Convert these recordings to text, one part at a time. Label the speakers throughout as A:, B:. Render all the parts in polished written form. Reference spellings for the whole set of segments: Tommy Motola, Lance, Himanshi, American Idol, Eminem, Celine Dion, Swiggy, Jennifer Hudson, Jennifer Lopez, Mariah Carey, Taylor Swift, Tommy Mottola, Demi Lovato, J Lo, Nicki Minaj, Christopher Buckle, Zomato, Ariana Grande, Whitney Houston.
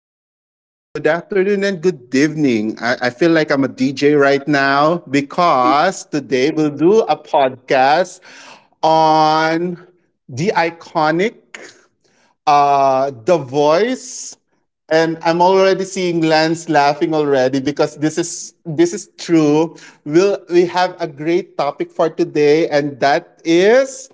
A: morning, good morning, good afternoon, and good evening. I feel like I'm a DJ right now because today we'll do a podcast on the the voice. And I'm already seeing Lance laughing already because this is true. We have a great topic for today, and that is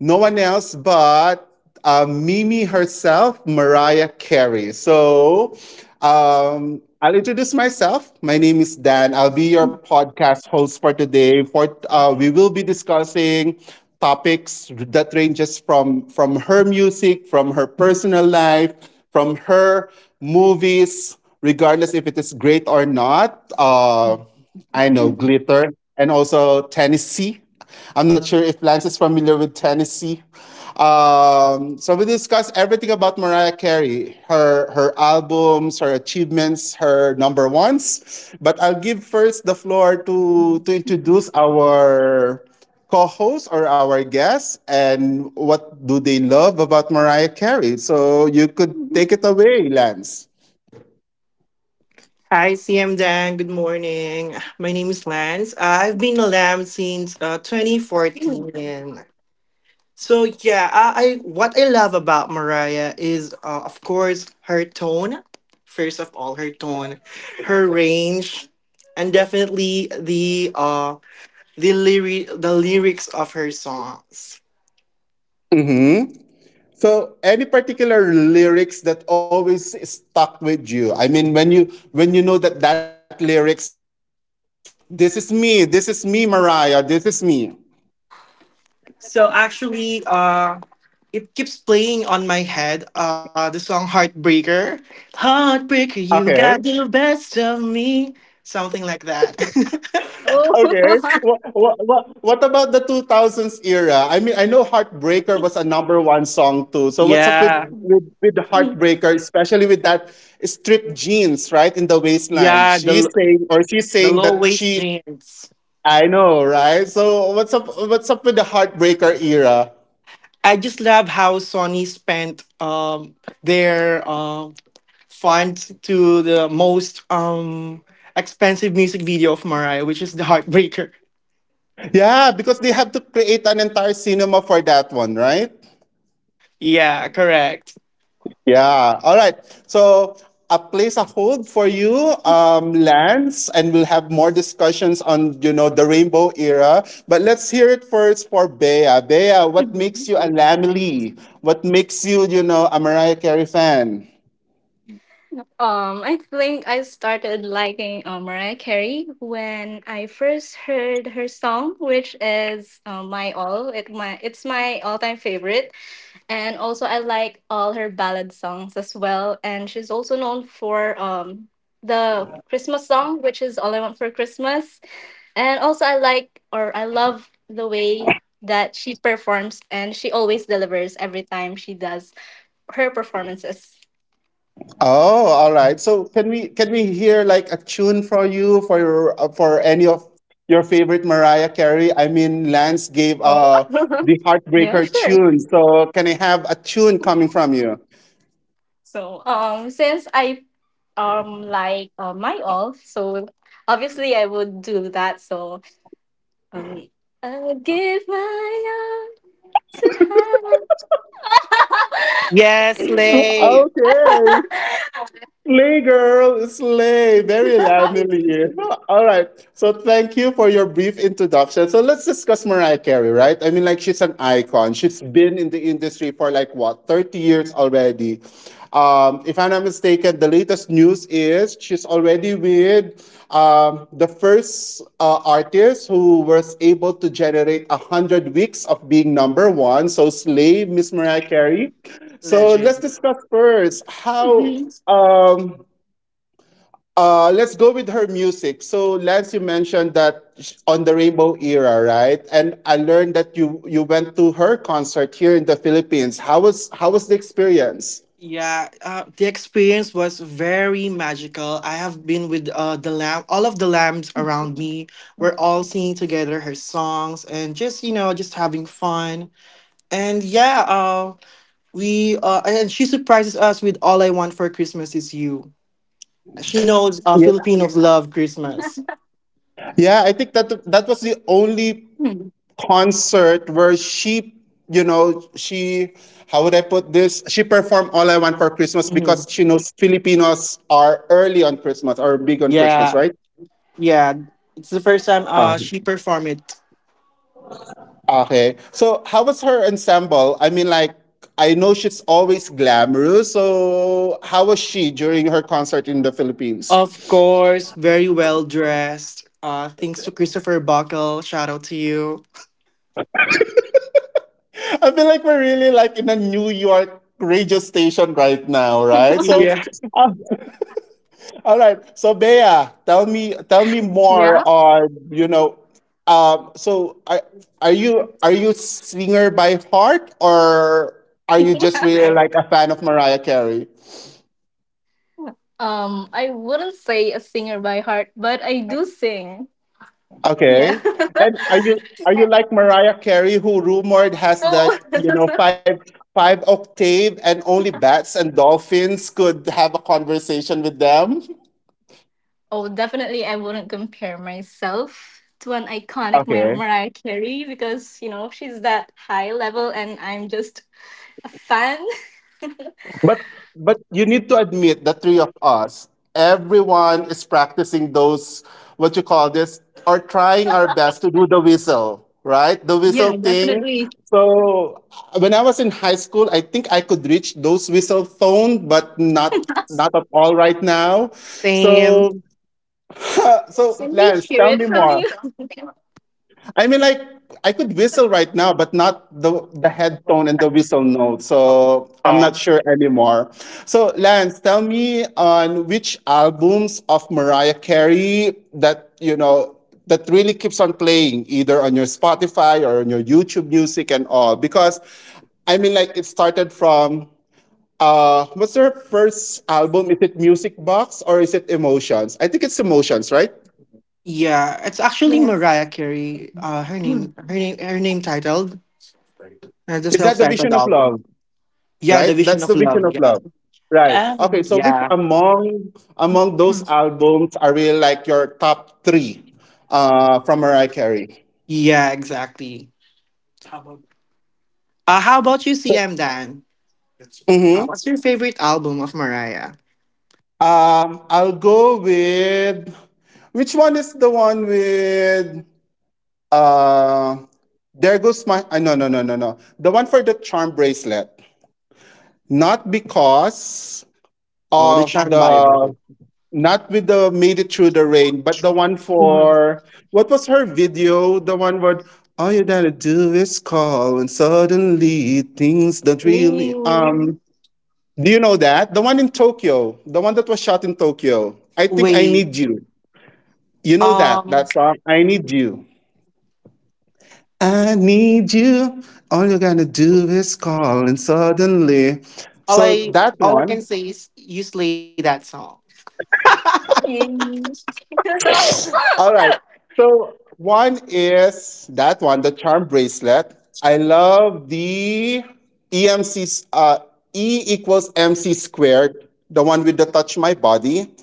A: no one else but Mimi herself, Mariah Carey. I'll introduce myself. My name is Dan. I'll be your
B: Oh.
A: podcast host for today. For we will be discussing topics that ranges from her music, from her personal life, from her movies, regardless if it is great or not.
B: um,
A: I know Glitter and also Tennessee. I'm not sure if Lance is familiar with Tennessee. So we discussed everything about Mariah Carey, her albums, her achievements, her number ones. But I'll give first the floor to introduce our co-host or our guest and what do they love about Mariah Carey. So you could take it away, Lance.
C: Hi, CM Dan. Good morning. My name is Lance. I've been a lamb since 2014. So yeah, I what I love about Mariah is of course her tone. First of all, her tone, her range, and definitely the the lyric the lyrics of her songs.
A: Mm-hmm. So, any particular lyrics that always stuck with you? I mean, when you know that lyrics, this is me, Mariah, this is me.
C: So actually, it keeps playing on my head. The song "Heartbreaker," "Heartbreaker," you
A: Okay,
C: got the best of me, something like that.
A: okay. What about the 2000s era? I mean, I know Heartbreaker was a number one song too. So,
C: Yeah,
A: with Heartbreaker, especially with that stripped jeans, right, in the waistline?
C: yeah,
A: She's saying, or she's
C: the
A: saying
C: low
A: that
C: waist
A: she,
C: jeans.
A: I know, right? So, what's up with the Heartbreaker era?
C: I just love how Sony spent their funds to the most expensive music video of Mariah, which is the Heartbreaker.
A: Yeah, because they have to create an entire cinema for that one, right?
C: Yeah, correct.
A: Yeah. All right. So a place a hold for you, Lance, and we'll have more discussions on you know the Rainbow era. But let's hear it first for Bea. Bea, what makes you a Lamely? What makes you you know a Mariah Carey fan?
B: I think I started liking Mariah Carey when I first heard her song, which is "My All." It's my all-time favorite, and also I like all her ballad songs as well. And she's also known for the Christmas song, which is "All I Want for Christmas." And also, I like or I love the way that she performs and she always delivers every time she does her performances.
A: Oh, all right. So can we hear like a tune for you for your for any of your favorite Mariah Carey? I mean, Lance gave
B: Oh,
A: the
B: yeah,
A: Heartbreaker
B: sure.
A: tune. So can I have a tune coming from you?
B: So, since I like my all, so obviously I would do that. So, um, I'll give my all to heaven.
C: Yes, Lay.
B: Um,
A: Okay. Slay, girl, slay. Very Lamely. All right. So thank you for your brief introduction. So let's discuss Mariah Carey, right? I mean, like she's an icon. She's been in the industry for like what, 30 years already. If I'm not mistaken, the latest news is she's already with the first artist who was able to generate 100 weeks of being number one. So slay, Miss Mariah Carey. So let's
C: Legend.
A: discuss first how. Um, let's go with her music. So, Lance, you mentioned that on the Rainbow era, right? And I learned that you went to her concert here in the Philippines. How was the experience?
C: Yeah, the experience was very magical. I have been with the lamb, all of the lambs around me. We're all singing together her songs and just, you know, just having fun. And yeah, we and she surprises us with "All I Want for Christmas Is You." She knows
A: Yeah,
C: Filipinos love Christmas.
A: yeah. I think that that was the only
B: Mhm.
A: concert where she, you know, she. How would I put this? She performed "All I Want for Christmas"
C: Mhm.
A: because she knows Filipinos are early on Christmas or big on Christmas,
C: Yeah,
A: right?
C: yeah. It's the first time she performed it.
A: Okay. So how was her ensemble? I mean, like, I know she's always glamorous. So how was she during her concert in the Philippines?
C: Of course, very well dressed. Thanks to Christopher Buckle. Shout out to you.
A: I feel like we're really like in a New York radio station right now, right? So,
C: Yeah.
A: uh, all right. So Bea, tell me more
B: Yeah.
A: on you know. So are you are you singer by heart or are you just really like a fan of Mariah Carey?
B: I wouldn't say a singer by heart, but I do sing. Yeah.
A: Okay. And are you like Mariah Carey who rumored has
B: oh.
A: that, you know, five octave and only bats and dolphins could have a conversation with them?
B: Oh, definitely I wouldn't compare myself to an iconic
A: Okay.
B: Mariah Carey because, you know, she's that high level and I'm just a fan.
A: But you need to admit the three of us, everyone is practicing those what you call this or trying our best to do the whistle, right? The whistle
B: Yeah,
A: thing.
B: definitely.
A: So when I was in high school, I think I could reach those whistle tone, but not at all right now.
C: Same.
A: So so
B: Can we
A: Lance,
B: hear
A: tell
B: it
A: me
B: from
A: more.
B: you?
A: I mean, like I could whistle right now, but not the head tone and the whistle note. So I'm not sure anymore. So Lance, tell me on which albums of Mariah Carey that you know that really keeps on playing, either on your Spotify or on your YouTube Music and all, because I mean, like it started from. What's her first album? Is it Music Box or is it Emotions? I think it's Emotions, right?
C: Yeah, it's actually
B: yes.
C: Mariah Carey. Her name, her name, her name titled the
A: Is that the
C: self-titled
A: Vision of Love?
C: album. Yeah,
A: Right?
C: the Vision
A: That's
C: of
A: the Vision
C: Love.
A: of
C: Yeah.
A: Love. Right. Okay, so which
C: Yeah.
A: among those albums are really like your top three from Mariah Carey?
C: Yeah. Exactly. How about? How about you, CM Dan?
A: Mm-hmm.
C: What's your favorite album of Mariah?
A: I'll go with which one is the one with uh there goes my no. The one for the Charm Bracelet. Not because
C: Oh, the
A: of
C: Charm
A: the
C: Bible.
A: not with the Made It Through the Rain, but the one
C: Mhm.
A: for what was her video? The one where all you gotta do is call, and suddenly things don't
B: Yay.
A: really. Do you know that the one in Tokyo, the one that was shot in Tokyo? I think I Need
C: Wait.
A: You. You know that
C: Um.
A: that song. I Need You. I Need You. All you gotta do is call, and suddenly.
C: All
A: So
C: I
A: that
C: all I can
A: one,
C: say is you slay that song.
B: Yay.
A: all right. So one is that one, the Charm Bracelet. I love the EMC, 's, E equals MC squared, the one with the Touch My Body.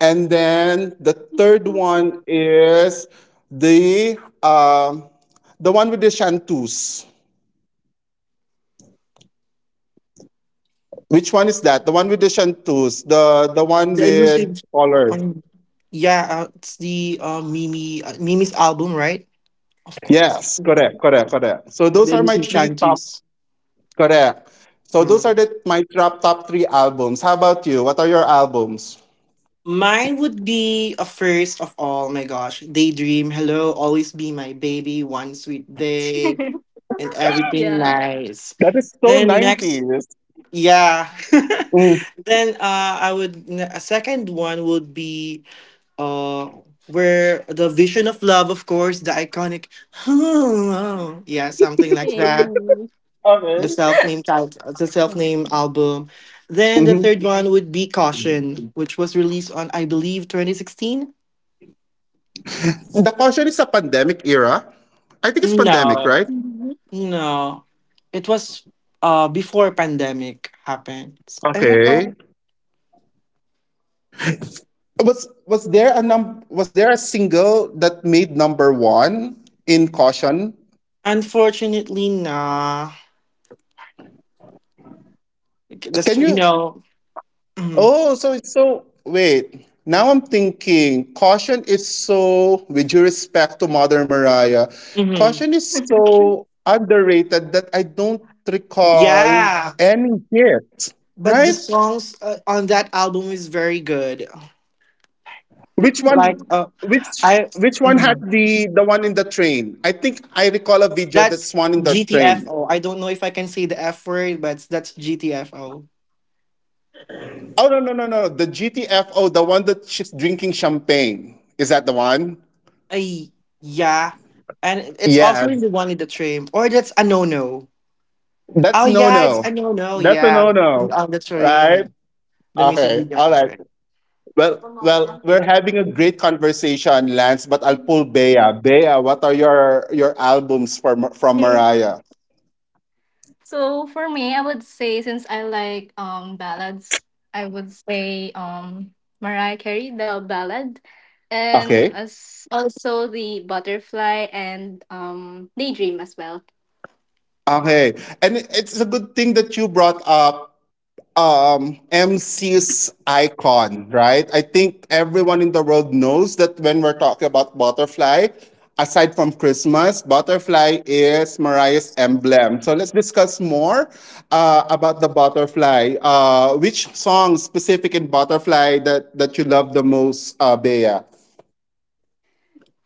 A: And then the third one is the um the one with the chanteuse. Which one is that? The one with the chanteuse, the one
C: The
A: with
C: elusive.
A: colors.
C: Um, yeah, it's the Mimi's album, right? Of course. It's
A: Yes, correct, correct, correct. So those
C: The
A: are my
C: elusive
A: three top
C: shanties.
A: correct. So those are
C: Mm.
A: the my top top three albums. How about you? What are your albums?
C: Mine would be a first of all, my gosh, Daydream, Hello, Always Be My Baby, One Sweet Day, and Everything
B: yeah.
C: Nice.
A: That is so
C: Then next,
A: 90s.
C: yeah.
A: Mm.
C: then I would, a second one would be uh where the vision of love of course the iconic yeah something like
B: Yay.
C: that the
A: Okay.
C: self-name title the self-name album then the
A: Mhm.
C: third one would be caution which was released on I believe 2016.
A: The Caution is a pandemic era. I think it's pandemic,
C: No
A: right?
C: no, it was before pandemic happened, am I correct?
A: Okay. Was there a num was there a single that made number one in Caution?
C: Unfortunately nah, that's
A: Can
C: you
A: you
C: know, mhm,
A: oh, so it's so. Wait, now I'm thinking. Caution is so, with due respect to Mother Mariah,
C: mhm.
A: Caution is so underrated that I don't recall
C: Yeah,
A: any hit.
C: but the
A: Right?
C: songs on that album is very good.
A: Which
C: Like
A: one? Which
C: I
A: which one had
C: mhm,
A: the one in the train? I think I recall a video
C: that's
A: that's one in the train.
C: GTFO. I don't know if I can say the F word, but that's GTFO.
A: Oh no, no, no, no! The GTFO, the one that she's drinking champagne. Is that the one?
C: Ay, yeah. And it's also in
A: Yes.
C: the one in the train, or that's a no no. Oh
A: That's no
C: yeah, it's a
A: no.
C: no no.
A: That's a
C: Yeah,
A: no
C: and
A: no.
C: on the train,
A: Right?
C: yeah, the music
A: Okay.
C: video on
A: All
C: the
A: right.
C: train.
A: Well, well, we're having a great conversation, Lance. But I'll pull
B: Mm-hmm.
A: Bea. Bea, what are your albums from
B: Okay.
A: Mariah?
B: So for me, I would say since I like ballads, I would say Mariah Carey, the ballad, and
A: Okay.
B: as also the butterfly and daydream as well.
A: Okay. And it's a good thing that you brought up MC's icon, right? I think everyone in the world knows that when we're talking about Butterfly, aside from Christmas, Butterfly is Mariah's emblem. So let's discuss more about the Butterfly. Which song specific in Butterfly that that you love the most, Bea?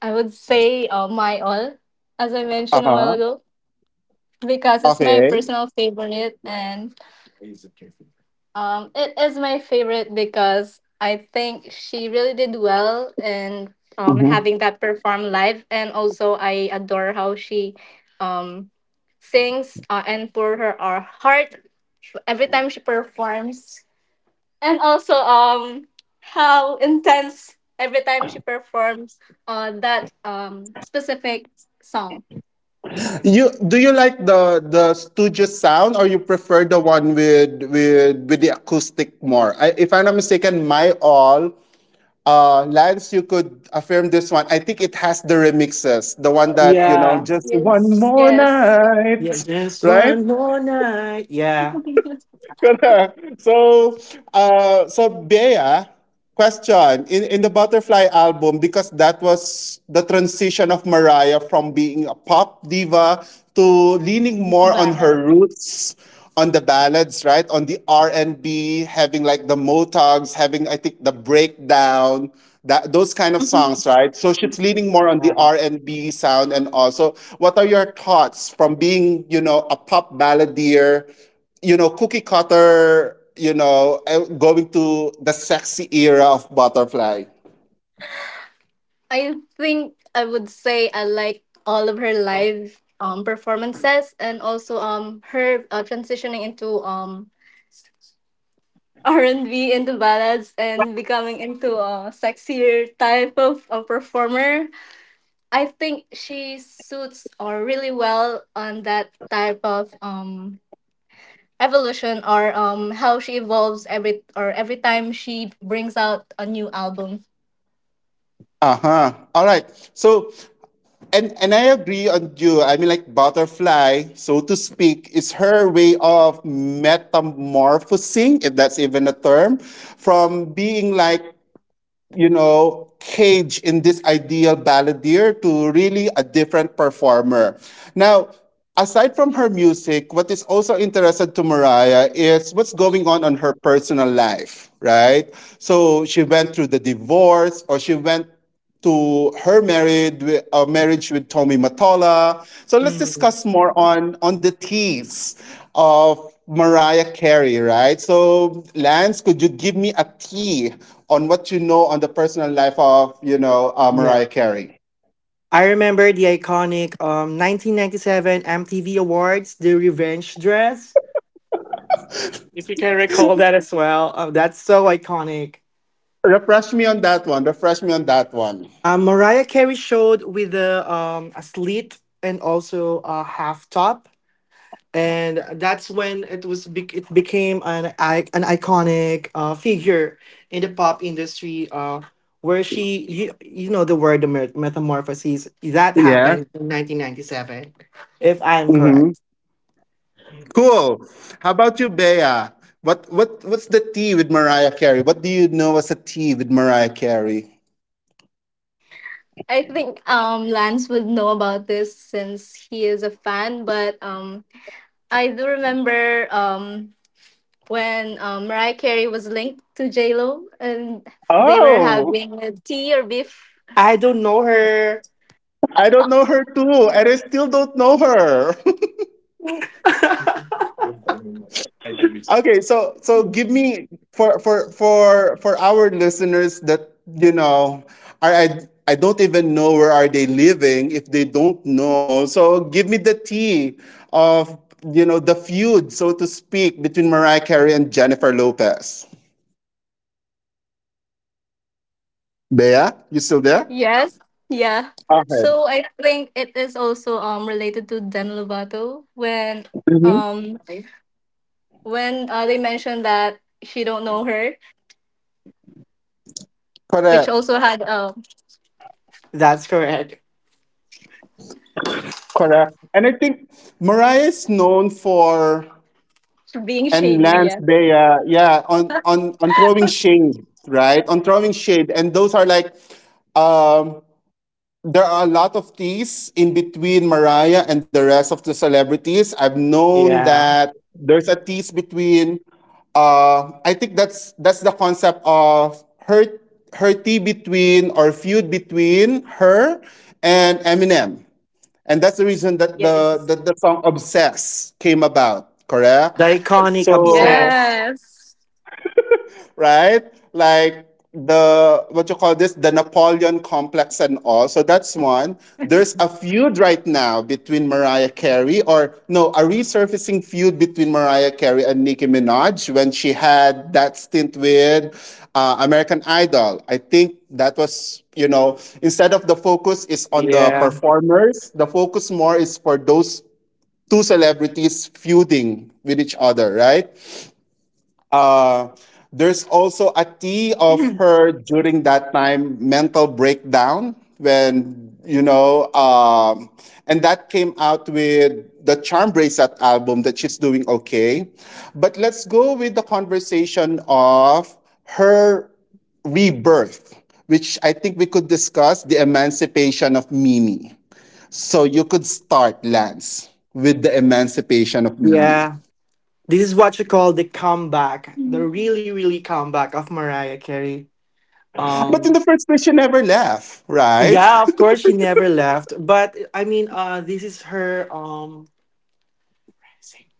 B: I would say my all, as I
A: Uh
B: mentioned a while
A: huh.
B: ago, because it's my
A: Okay.
B: personal favorite and it is my favorite because I think she really did well in
A: Mm-hmm.
B: having that perform live, and also I adore how she um sings and pour her heart every time she performs, and also how intense every time she performs that specific song.
A: You do you like the studio sound or you prefer the one with the acoustic more? I, if I'm not mistaken, my all Lance, you could affirm this one. I think it has the remixes, the one that you know,
C: Yeah,
A: just one
B: Yes.
A: more
B: Yes.
C: yeah.
A: night,
C: Just
A: right?
C: one more night. Yeah.
A: Correct. So so Bea question in the Butterfly album because that was the transition of Mariah from being a pop diva to leaning more on her
B: Ballad.
A: roots on the ballads right on the R&B having like the Motogs having I think the breakdown that those kind of songs right so she's leaning more on the
C: Yeah.
A: R&B sound and also what are your thoughts from being you know a pop balladeer you know, cookie cutter, you know, eh, going to the sexy era of Butterfly.
B: I think I would say I like all of her live performances and also her transitioning into R and B into ballads and becoming into a sexier type of a performer. I think she suits or really well on that type of evolution or how she evolves every or every time she brings out a new album.
A: Uh huh. All right. So, and I agree on you. I mean, like Butterfly, so to speak, is her way of metamorphosing, if that's even a term, from being like you know, cage in this ideal balladeer to really a different performer. Now, aside from her music, what is also interested to Mariah is what's going on her personal life, right? So she went through the divorce or she went to her married marriage with Tommy Mottola. So let's
C: Mm.
A: discuss more on the tease of Mariah Carey, right? So Lance, could you give me a tea on what you know on the personal life of, you know,
C: Yeah.
A: Mariah Carey.
C: I remember the iconic 1997 MTV Awards, the revenge dress. If you can recall that as well, that's so iconic.
A: Refresh me on that one. Refresh me on that one.
C: Mariah Carey showed with a slit and also a half top, and that's when it it became an an iconic figure in the pop industry, where you know the word, metamorphoses that
A: Yeah.
C: happened in 1997, if I am
A: Mm-hmm.
C: correct.
A: Cool. How about you, Bea? What's the tea with Mariah Carey? What do you know as a tea with Mariah Carey?
B: I think Lance would know about this since he is a fan, but I do remember when Mariah Carey was linked to J Lo and they were
A: Oh,
B: having a tea or beef.
C: I don't know her.
A: I don't know her too, and I still don't know her. Okay, so so give me for our listeners that you know are I don't even know where are they living if they don't know. So give me the tea of the feud, so to speak, between Mariah Carey and Jennifer Lopez. Bea, you still there?
B: Yes. Yeah.
A: Okay.
B: So I think it is also related to Demi Lovato when
A: hmm
B: Okay. When they mentioned that she don't know her, which also
A: Correct.
B: had
C: That's correct.
A: Correct. And I think Mariah is known for
B: being
A: and
B: shady.
A: Lance
B: Yeah.
A: Bea, yeah, on on throwing shade, right? On throwing shade, and those are like, um, there are a lot of teas in between Mariah and the rest of the celebrities. I've known
C: Yeah,
A: that there's a tease between. I think that's the concept of her her tea between or feud between her and Eminem, and that's the reason that the
B: Yes.
A: that the song "Obsess" came about.
C: the
A: Correct.
C: iconic
A: So
C: obsessed.
B: Yes.
A: right? Like the what you call this, the Napoleon complex and all. So that's one. There's a feud right now between Mariah Carey, or no, a resurfacing feud between Mariah Carey and Nicki Minaj when she had that stint with American Idol. I think that was, instead of the focus is on the
C: Yeah,
A: performers, the focus more is for those two celebrities feuding with each other, right? Uh, there's also a tea of her during that time mental breakdown when and that came out with the Charm Bracelet album that she's doing okay. But let's go with the conversation of her rebirth, which I think we could discuss the emancipation of Mimi. So you could start, Lance, with the emancipation of Mimi.
C: yeah. This is what you call the comeback, the really, really comeback of Mariah Carey. Um,
A: But in the first place, she never left, right?
C: yeah, of course, she never left, but I mean, this is her um,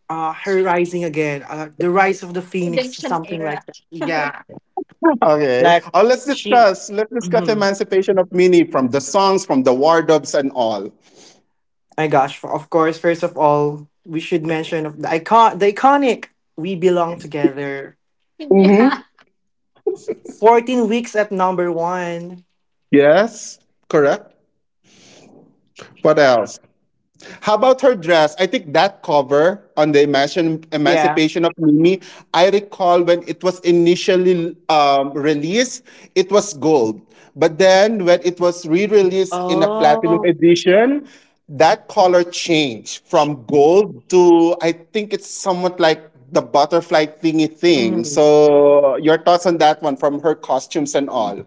C: uh, her rising again, the rise of the phoenix,
B: Redemption
C: something
B: era.
C: like that. Yeah,
A: Okay.
C: like
A: Oh, let's
C: she.
A: discuss. Let's discuss
C: Mhm.
A: emancipation of Mini from the songs, from the wardrobes, and all.
C: My gosh! Of course, first of all, we should mention of the icon, the iconic "We Belong Together."
A: Mm-hmm.
B: Yeah.
C: 14 weeks at number one.
A: Yes. Correct. What else? How about her dress? I think that cover on the
C: Yeah.
A: Emancipation of Mimi, I recall when it was initially released, it was gold. But then when it was re released in a platinum
C: Oh.
A: edition, that color changed from gold to, I think it's somewhat like the butterfly thingy thing.
C: Mm-hmm.
A: So, your thoughts on that one from her costumes and all?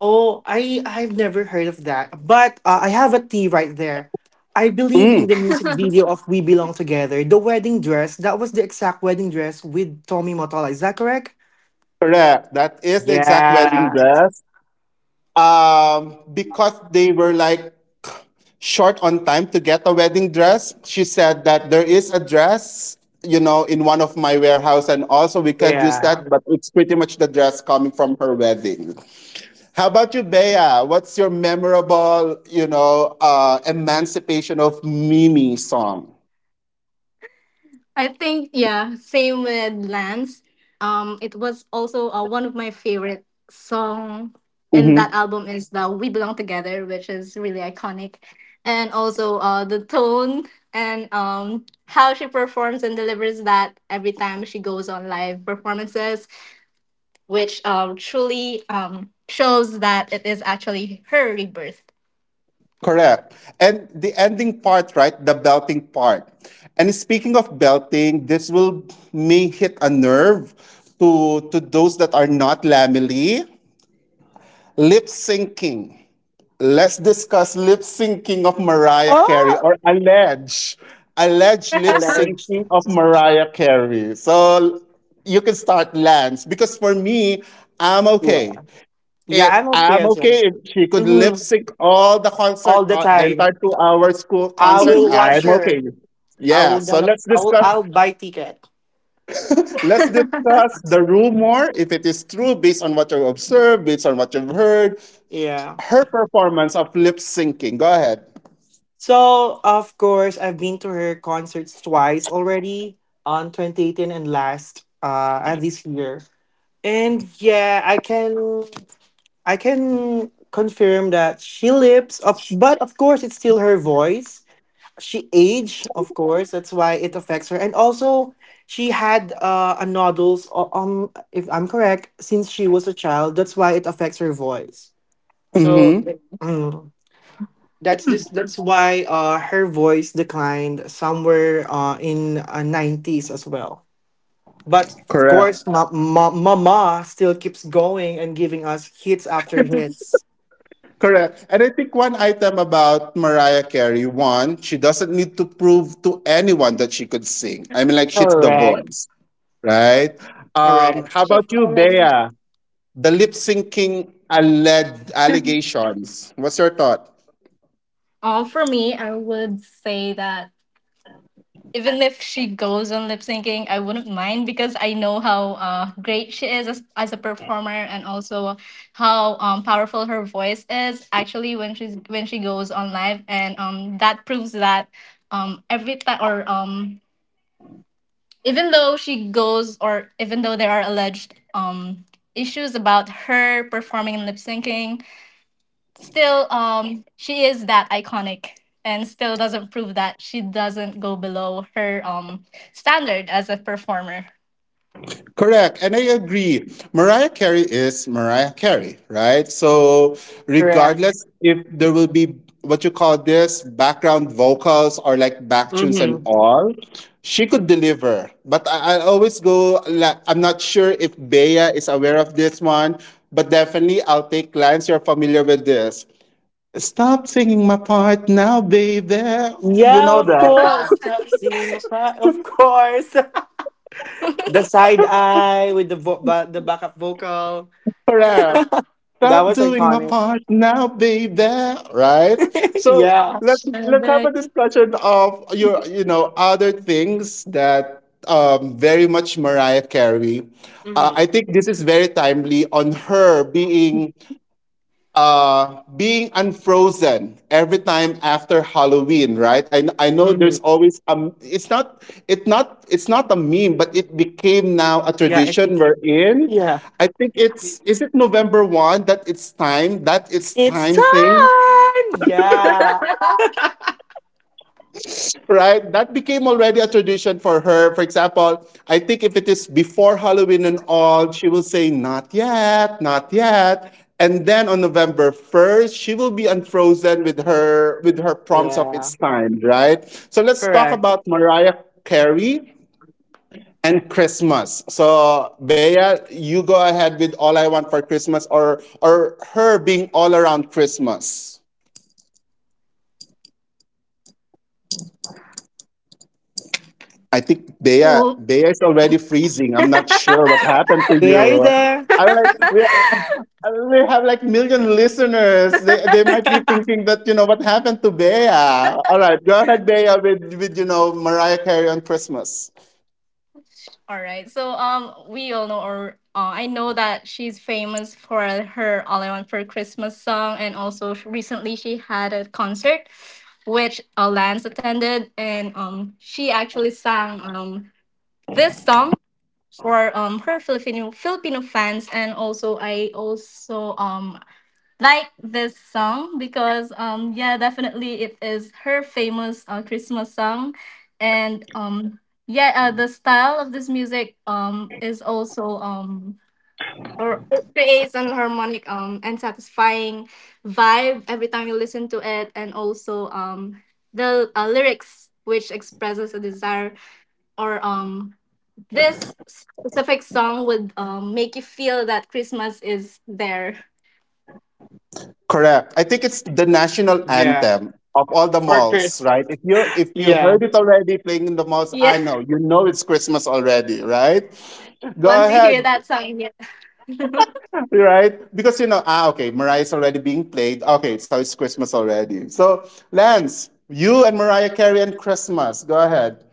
C: Oh, I I've never heard of that. But I have a tea right there. I believe in
A: Mm,
C: the music video of We Belong Together, the wedding dress, that was the exact wedding dress with Tommy Motola. Is that correct?
A: correct. That is the exact wedding
C: Yeah,
A: dress. Because they were like short on time to get a wedding dress. She said that there is a dress, in one of my warehouse, and also we could use
C: yeah.
A: that, but it's pretty much the dress coming from her wedding. How about you, Bea? What's your memorable, emancipation of Mimi song?
B: I think yeah, same with Lance. It was also one of my favorite song in that album is the "We Belong Together," which is really iconic, and also the tone and how she performs and delivers that every time she goes on live performances, which truly shows that it is actually her rebirth.
A: Correct. And the ending part, right? The belting part. And speaking of belting, this will may hit a nerve to those that are not lamely. Lip syncing. Let's discuss lip syncing of Mariah Carey
C: Oh,
A: or alleged lip
C: alleged.
A: syncing of Mariah Carey. So you can start Lance because for me, I'm okay
C: Yeah, yeah. I'm okay
A: I'm
C: as
A: okay.
C: well.
A: If she could lip
C: Hmm.
A: sync all the concert,
C: All the
A: the entire
C: time.
A: 2 hour school
C: I
A: concert,
C: will watch
A: I'm okay.
C: her. I
A: Yeah.
C: will
A: So
C: gonna.
A: let's
C: I will.
A: discuss.
C: I'll buy ticket.
A: Let's discuss the rumor if it is true based on what you observed, based on what you've heard.
C: Yeah.
A: Her performance of lip syncing. Go ahead.
C: So, of course, I've been to her concerts twice already on 2018 and last and this year. And yeah, I can confirm that she lips of, but of course it's still her voice. She aged, of course, that's why it affects her. And also she had a nodules if I'm correct since she was a child. That's why it affects her voice. So
A: Mm-hmm.
C: mm. That's this. That's why her voice declined somewhere in 90s as well. But of
A: Correct.
C: course, Mama still keeps going and giving us hits after hits.
A: Correct. And I think one item about Mariah Carey, one, she doesn't need to prove to anyone that she could sing. I mean, like, she's the voice,
C: Correct.
A: right? How
C: Correct.
B: She's
A: about you,
B: already
A: Bea? The lip syncing alleged allegations. What's your thought?
B: For me, I would say that even if she goes on lip syncing, I wouldn't mind because I know how great she is as a performer and also how powerful her voice is actually when she's when she goes on live and that proves that every time or even though she goes or even though there are alleged issues about her performing and lip syncing still she is that iconic and still doesn't prove that she doesn't go below her standard as a performer.
A: Correct, and I agree. Mariah Carey is Mariah Carey, right? So,
C: Correct.
A: regardless if there will be what you call this background vocals or like back tunes and
C: Mm-hmm.
A: all, she could deliver. But I always go, like, I'm not sure if Bea is aware of this one, but definitely I'll take clients you're familiar with this. Stop singing my part now, baby. You
C: Yeah,
A: know
C: of
A: that.
C: course. Stop singing my pride. Of course. The side eye with the backup vocal.
A: Hurrah.
C: That
A: Stop
C: was
A: doing my
C: iconic.
A: part now, baby. Right? So
C: Yeah.
A: let's have a
B: Fashionable.
A: discussion of your other things that very much Mariah Carey.
C: Mm-hmm.
A: I think this is very timely on her being being unfrozen every time after Halloween, right? I know there's
C: Mm-hmm.
A: always it's not it's not a meme, but it became now a
C: Yeah.
A: tradition we're in.
C: Yeah.
A: I think it's is it November one that it's
C: It's
A: time thing
C: time. Yeah.
A: right? That became already a tradition for her. For example, I think if it is before Halloween and all, she will say, not yet, not yet. And then on November 1st, she will be unfrozen with her prompts of
C: Yeah.
A: its time, right? So let's talk
C: Correct.
A: about Mariah Carey and Christmas. So Bea, you go ahead with All I Want for Christmas or her being all around Christmas. I think they are
B: So
A: they is already freezing. I'm not sure what happened to
C: They are
A: you.
C: there.
A: I'm like we, we have like million listeners. They might be thinking that what happened to Bea. All right, go ahead, Bea, with Mariah Carey on Christmas.
B: all right, so we all know or I know that she's famous for her "All I Want for Christmas" song, and also recently she had a concert which Lance attended, and she actually sang this song for her Filipino fans. And also, I also like this song because yeah, definitely it is her famous Christmas song. And yeah, the style of this music is also or it creates an harmonic and satisfying vibe every time you listen to it. And also the lyrics which expresses a desire or this specific song would make you feel that Christmas is there.
A: Correct. I think it's the national
C: Yeah.
A: anthem of all the
C: for
A: malls,
C: Chris.
A: right? If you heard
C: Yeah.
A: it already playing in the malls,
B: Yeah.
A: I know you know it's Christmas already, right? Go
B: Once you
A: ahead,
B: hear that song, yeah.
A: right? Because you know, ah, okay, Mariah's already being played. Okay, so it's Christmas already. So, Lance, you and Mariah Carey and Christmas. Go ahead.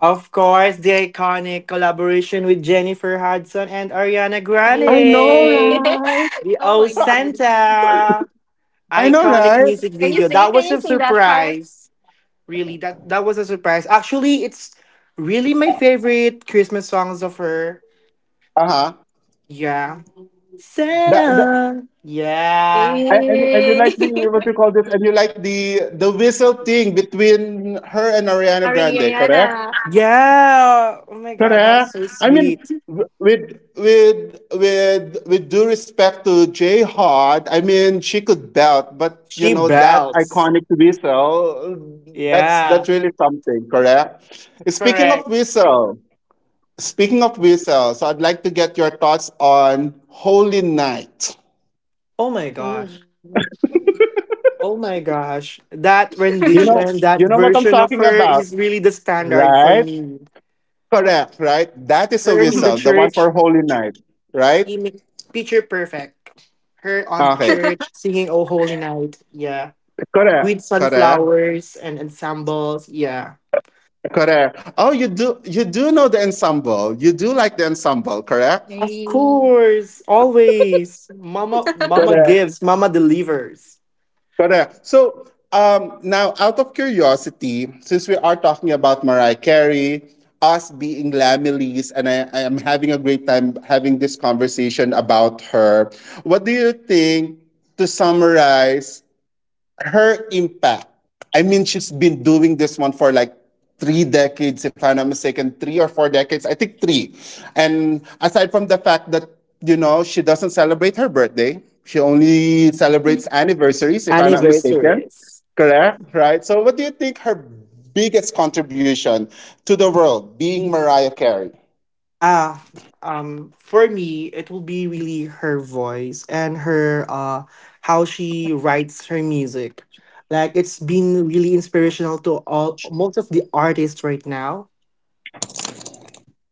C: Of course, the iconic collaboration with Jennifer Hudson and Ariana
A: I know,
C: Grande.
A: right?
C: The
B: Oh
C: O
B: my god.
C: Santa.
A: I know,
C: Iconic
A: right?
C: music
B: Can you
C: video.
B: sing?
C: That
B: Can
C: was
B: you
C: a
B: sing that part?
C: surprise. Really, that was a surprise. Actually, it's really my favorite Christmas songs of her.
A: Uh huh.
C: Yeah.
A: That, that,
C: Santa. Yeah.
A: and you
B: Eh.
A: like the what you call this? And you like the whistle thing between her and Ariana Grande, correct?
B: Ariana.
C: Yeah. Oh my god,
A: Correct.
C: that's so
A: I
C: sweet.
A: mean, with due respect to Jay Hart, I mean she could belt, but you
C: She
A: know that
C: belts.
A: iconic whistle, that's
C: Yeah.
A: really something. Correct.
C: Correct.
A: Speaking of whistle, so I'd like to get your thoughts on Holy Night.
C: Oh my gosh.
B: Ooh.
C: Oh my gosh. That
A: You know,
C: rendition, that
A: what I'm
C: version of
A: talking
C: her
A: about,
C: is really the standard for
A: right?
C: me.
A: Correct, right? That is a
C: Her in the
B: Mhm.
A: whistle, the one
C: church,
A: for Holy Night, right?
C: imi- picture perfect. Her on the
A: Okay,
C: church singing Oh Holy Night. Yeah. With
A: correct, correct.
C: sunflowers and ensembles. Yeah.
A: Correct. Oh, you do know the ensemble. You do like the ensemble, correct?
C: Of
B: Eh.
C: course. Always. Mama
A: Correct.
C: gives, mama delivers.
A: Correct. So now out of curiosity, since we are talking about Mariah Carey, us being Lamillies, and I am having a great time having this conversation about her. What do you think to summarize her impact. I mean, she's been doing this one for like 3 decades, if I'm not mistaken, 3 or 4 decades. I think three. And aside from the fact that, you know, she doesn't celebrate her birthday, she only celebrates anniversaries, if I'm not mistaken.
C: Anniversaries.
A: Correct? Right? So, what do you think her biggest contribution to the world being Mariah Carey?
C: Ah, for me, it will be really her voice and her how she writes her music. Like it's been really inspirational to all most of the artists right now,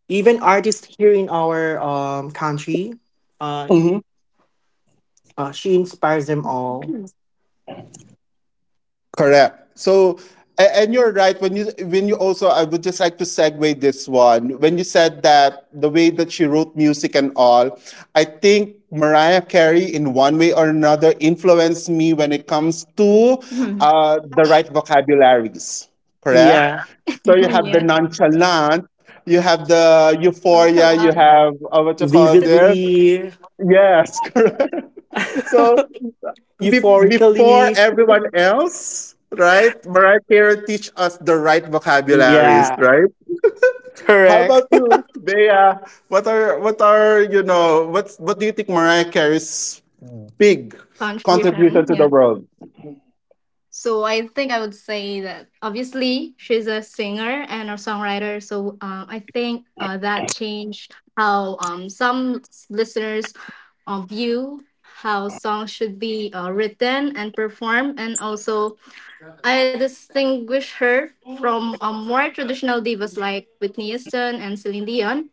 C: even artists here in our country. Uh, she inspires them all.
A: Correct. So, and you're right when you also I would just like to segue this one when you said that the way that she wrote music and all, I think Mariah Carey in one way or another influenced me when it comes to the right vocabularies. Correct.
C: Yeah,
A: So you have the
B: Yeah.
A: nonchalant, you have the
B: Thanks a
A: euphoria, you
B: lot.
A: have what you call this?
C: vividly,
A: Yes, correct. So before
C: euphorically.
A: everyone else, right? Mariah Carey teach us the right vocabularies,
C: Yeah,
A: right? How about
C: correct.
A: you, Bea? What are you know? What's what do you think Mariah Carey's big contribution
B: Contribution.
A: to the
B: Yeah.
A: world?
B: So I think I would say that obviously she's a singer and a songwriter. So I think that changed how some listeners view how songs should be written and performed. And also, I distinguish her from more traditional divas like Whitney Houston and Celine Dion,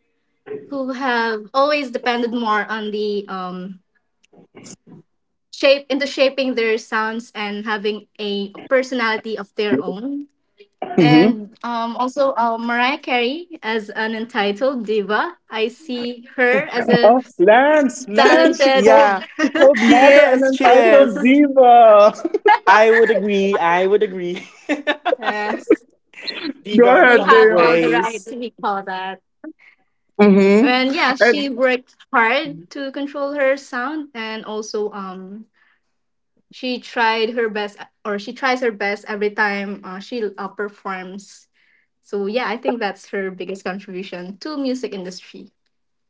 B: who have always depended more on the shape into shaping their sounds and having a personality of their own.
A: Mm-hmm.
B: And also Mariah Carey as an entitled diva. I see her as a
A: Oh, Lance, Lance,
B: talented.
C: Yeah,
A: she called
C: she
A: mother an
C: is. She
A: entitled
C: is.
A: diva.
C: I would agree. I would agree.
B: Yes,
A: Go
C: Diva in
B: we
A: ahead,
C: some of
B: have all the
A: Bea.
B: right
C: ways.
B: to be called that.
A: Mm-hmm.
B: And yeah,
A: And
B: she worked hard to control her sound, and also she tried her best, or she tries her best every time she performs. So yeah, I think that's her biggest contribution to music industry.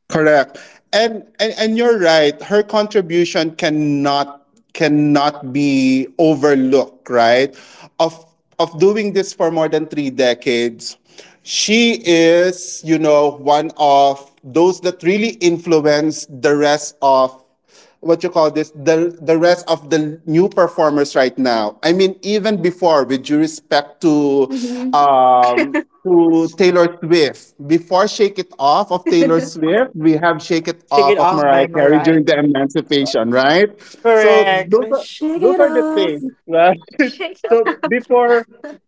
A: Correct. And, and you're right. Her contribution cannot be overlooked, right? Of doing this for more than 3 decades. She is, you know, one of those that really influenced the rest of what you call this the rest of the new performers right now. I mean even before with due respect
B: Mhm.
A: um to Taylor Swift, before Shake It Off of Taylor Swift we have Shake It
C: Shake
A: Off
C: It
A: of
C: Off
A: Mariah
C: by
A: Carey
C: Mariah.
A: during the emancipation, right? So
C: Correct.
A: those are
C: Shake It
A: the
C: Off.
A: things, right? So before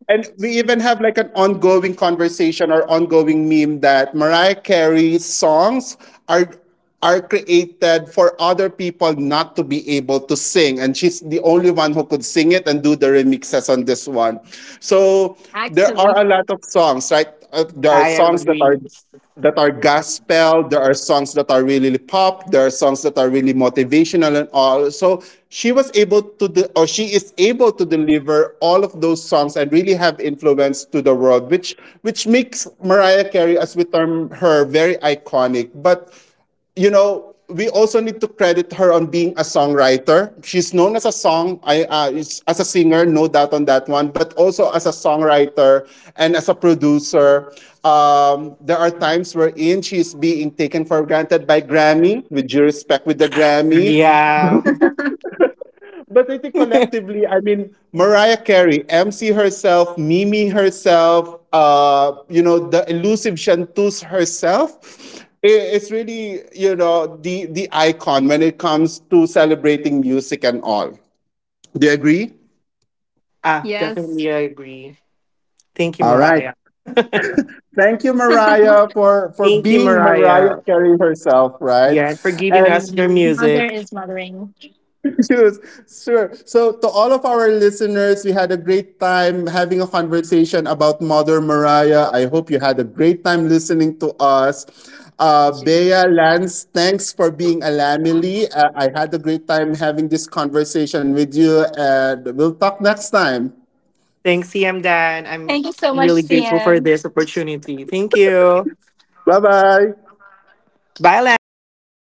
A: and we even have like an ongoing conversation or ongoing meme that Mariah Carey's songs are created for other people not to be able to sing. And she's the only one who could sing it and do the remixes on this one. So there are a lot of songs, right? There are
C: I
A: songs that are
C: agree.
A: gospel, there are songs that are really pop, there are songs that are really motivational and all. So she was able to de- or she is able to deliver all of those songs and really have influence to the world, which makes Mariah Carey, as we term her, very iconic. But you know, we also need to credit her on being a songwriter. She's known as a song, I as a singer, no doubt on that one, but also as a songwriter and as a producer. There are times wherein she's being taken for granted by Grammy, with due respect with the Grammy.
C: Yeah.
A: But I think collectively, I mean, Mariah Carey, MC herself, Mimi herself, you know, the elusive Shantus herself, it's really, you know, the icon when it comes to celebrating music and all. Do you agree?
C: Ah, definitely I agree. Thank you,
A: All right.
C: Mariah.
A: Thank you, Mariah, for,
C: Thank you,
A: being Mariah
C: Mariah.
A: Carey herself, right?
C: Yeah, and for giving us
A: And
C: your music.
A: Yes, sure. So, to all of our listeners, we had a great time having a conversation about Mother Mariah. I hope you had a great time listening to us. Bea, Lance, thanks for being a Lamely. I had a great time having this conversation with you, and we'll talk next time.
C: Thanks, CM Dan. I'm really grateful for this opportunity. Thank you.
A: Bye bye.
C: Bye, Lambs.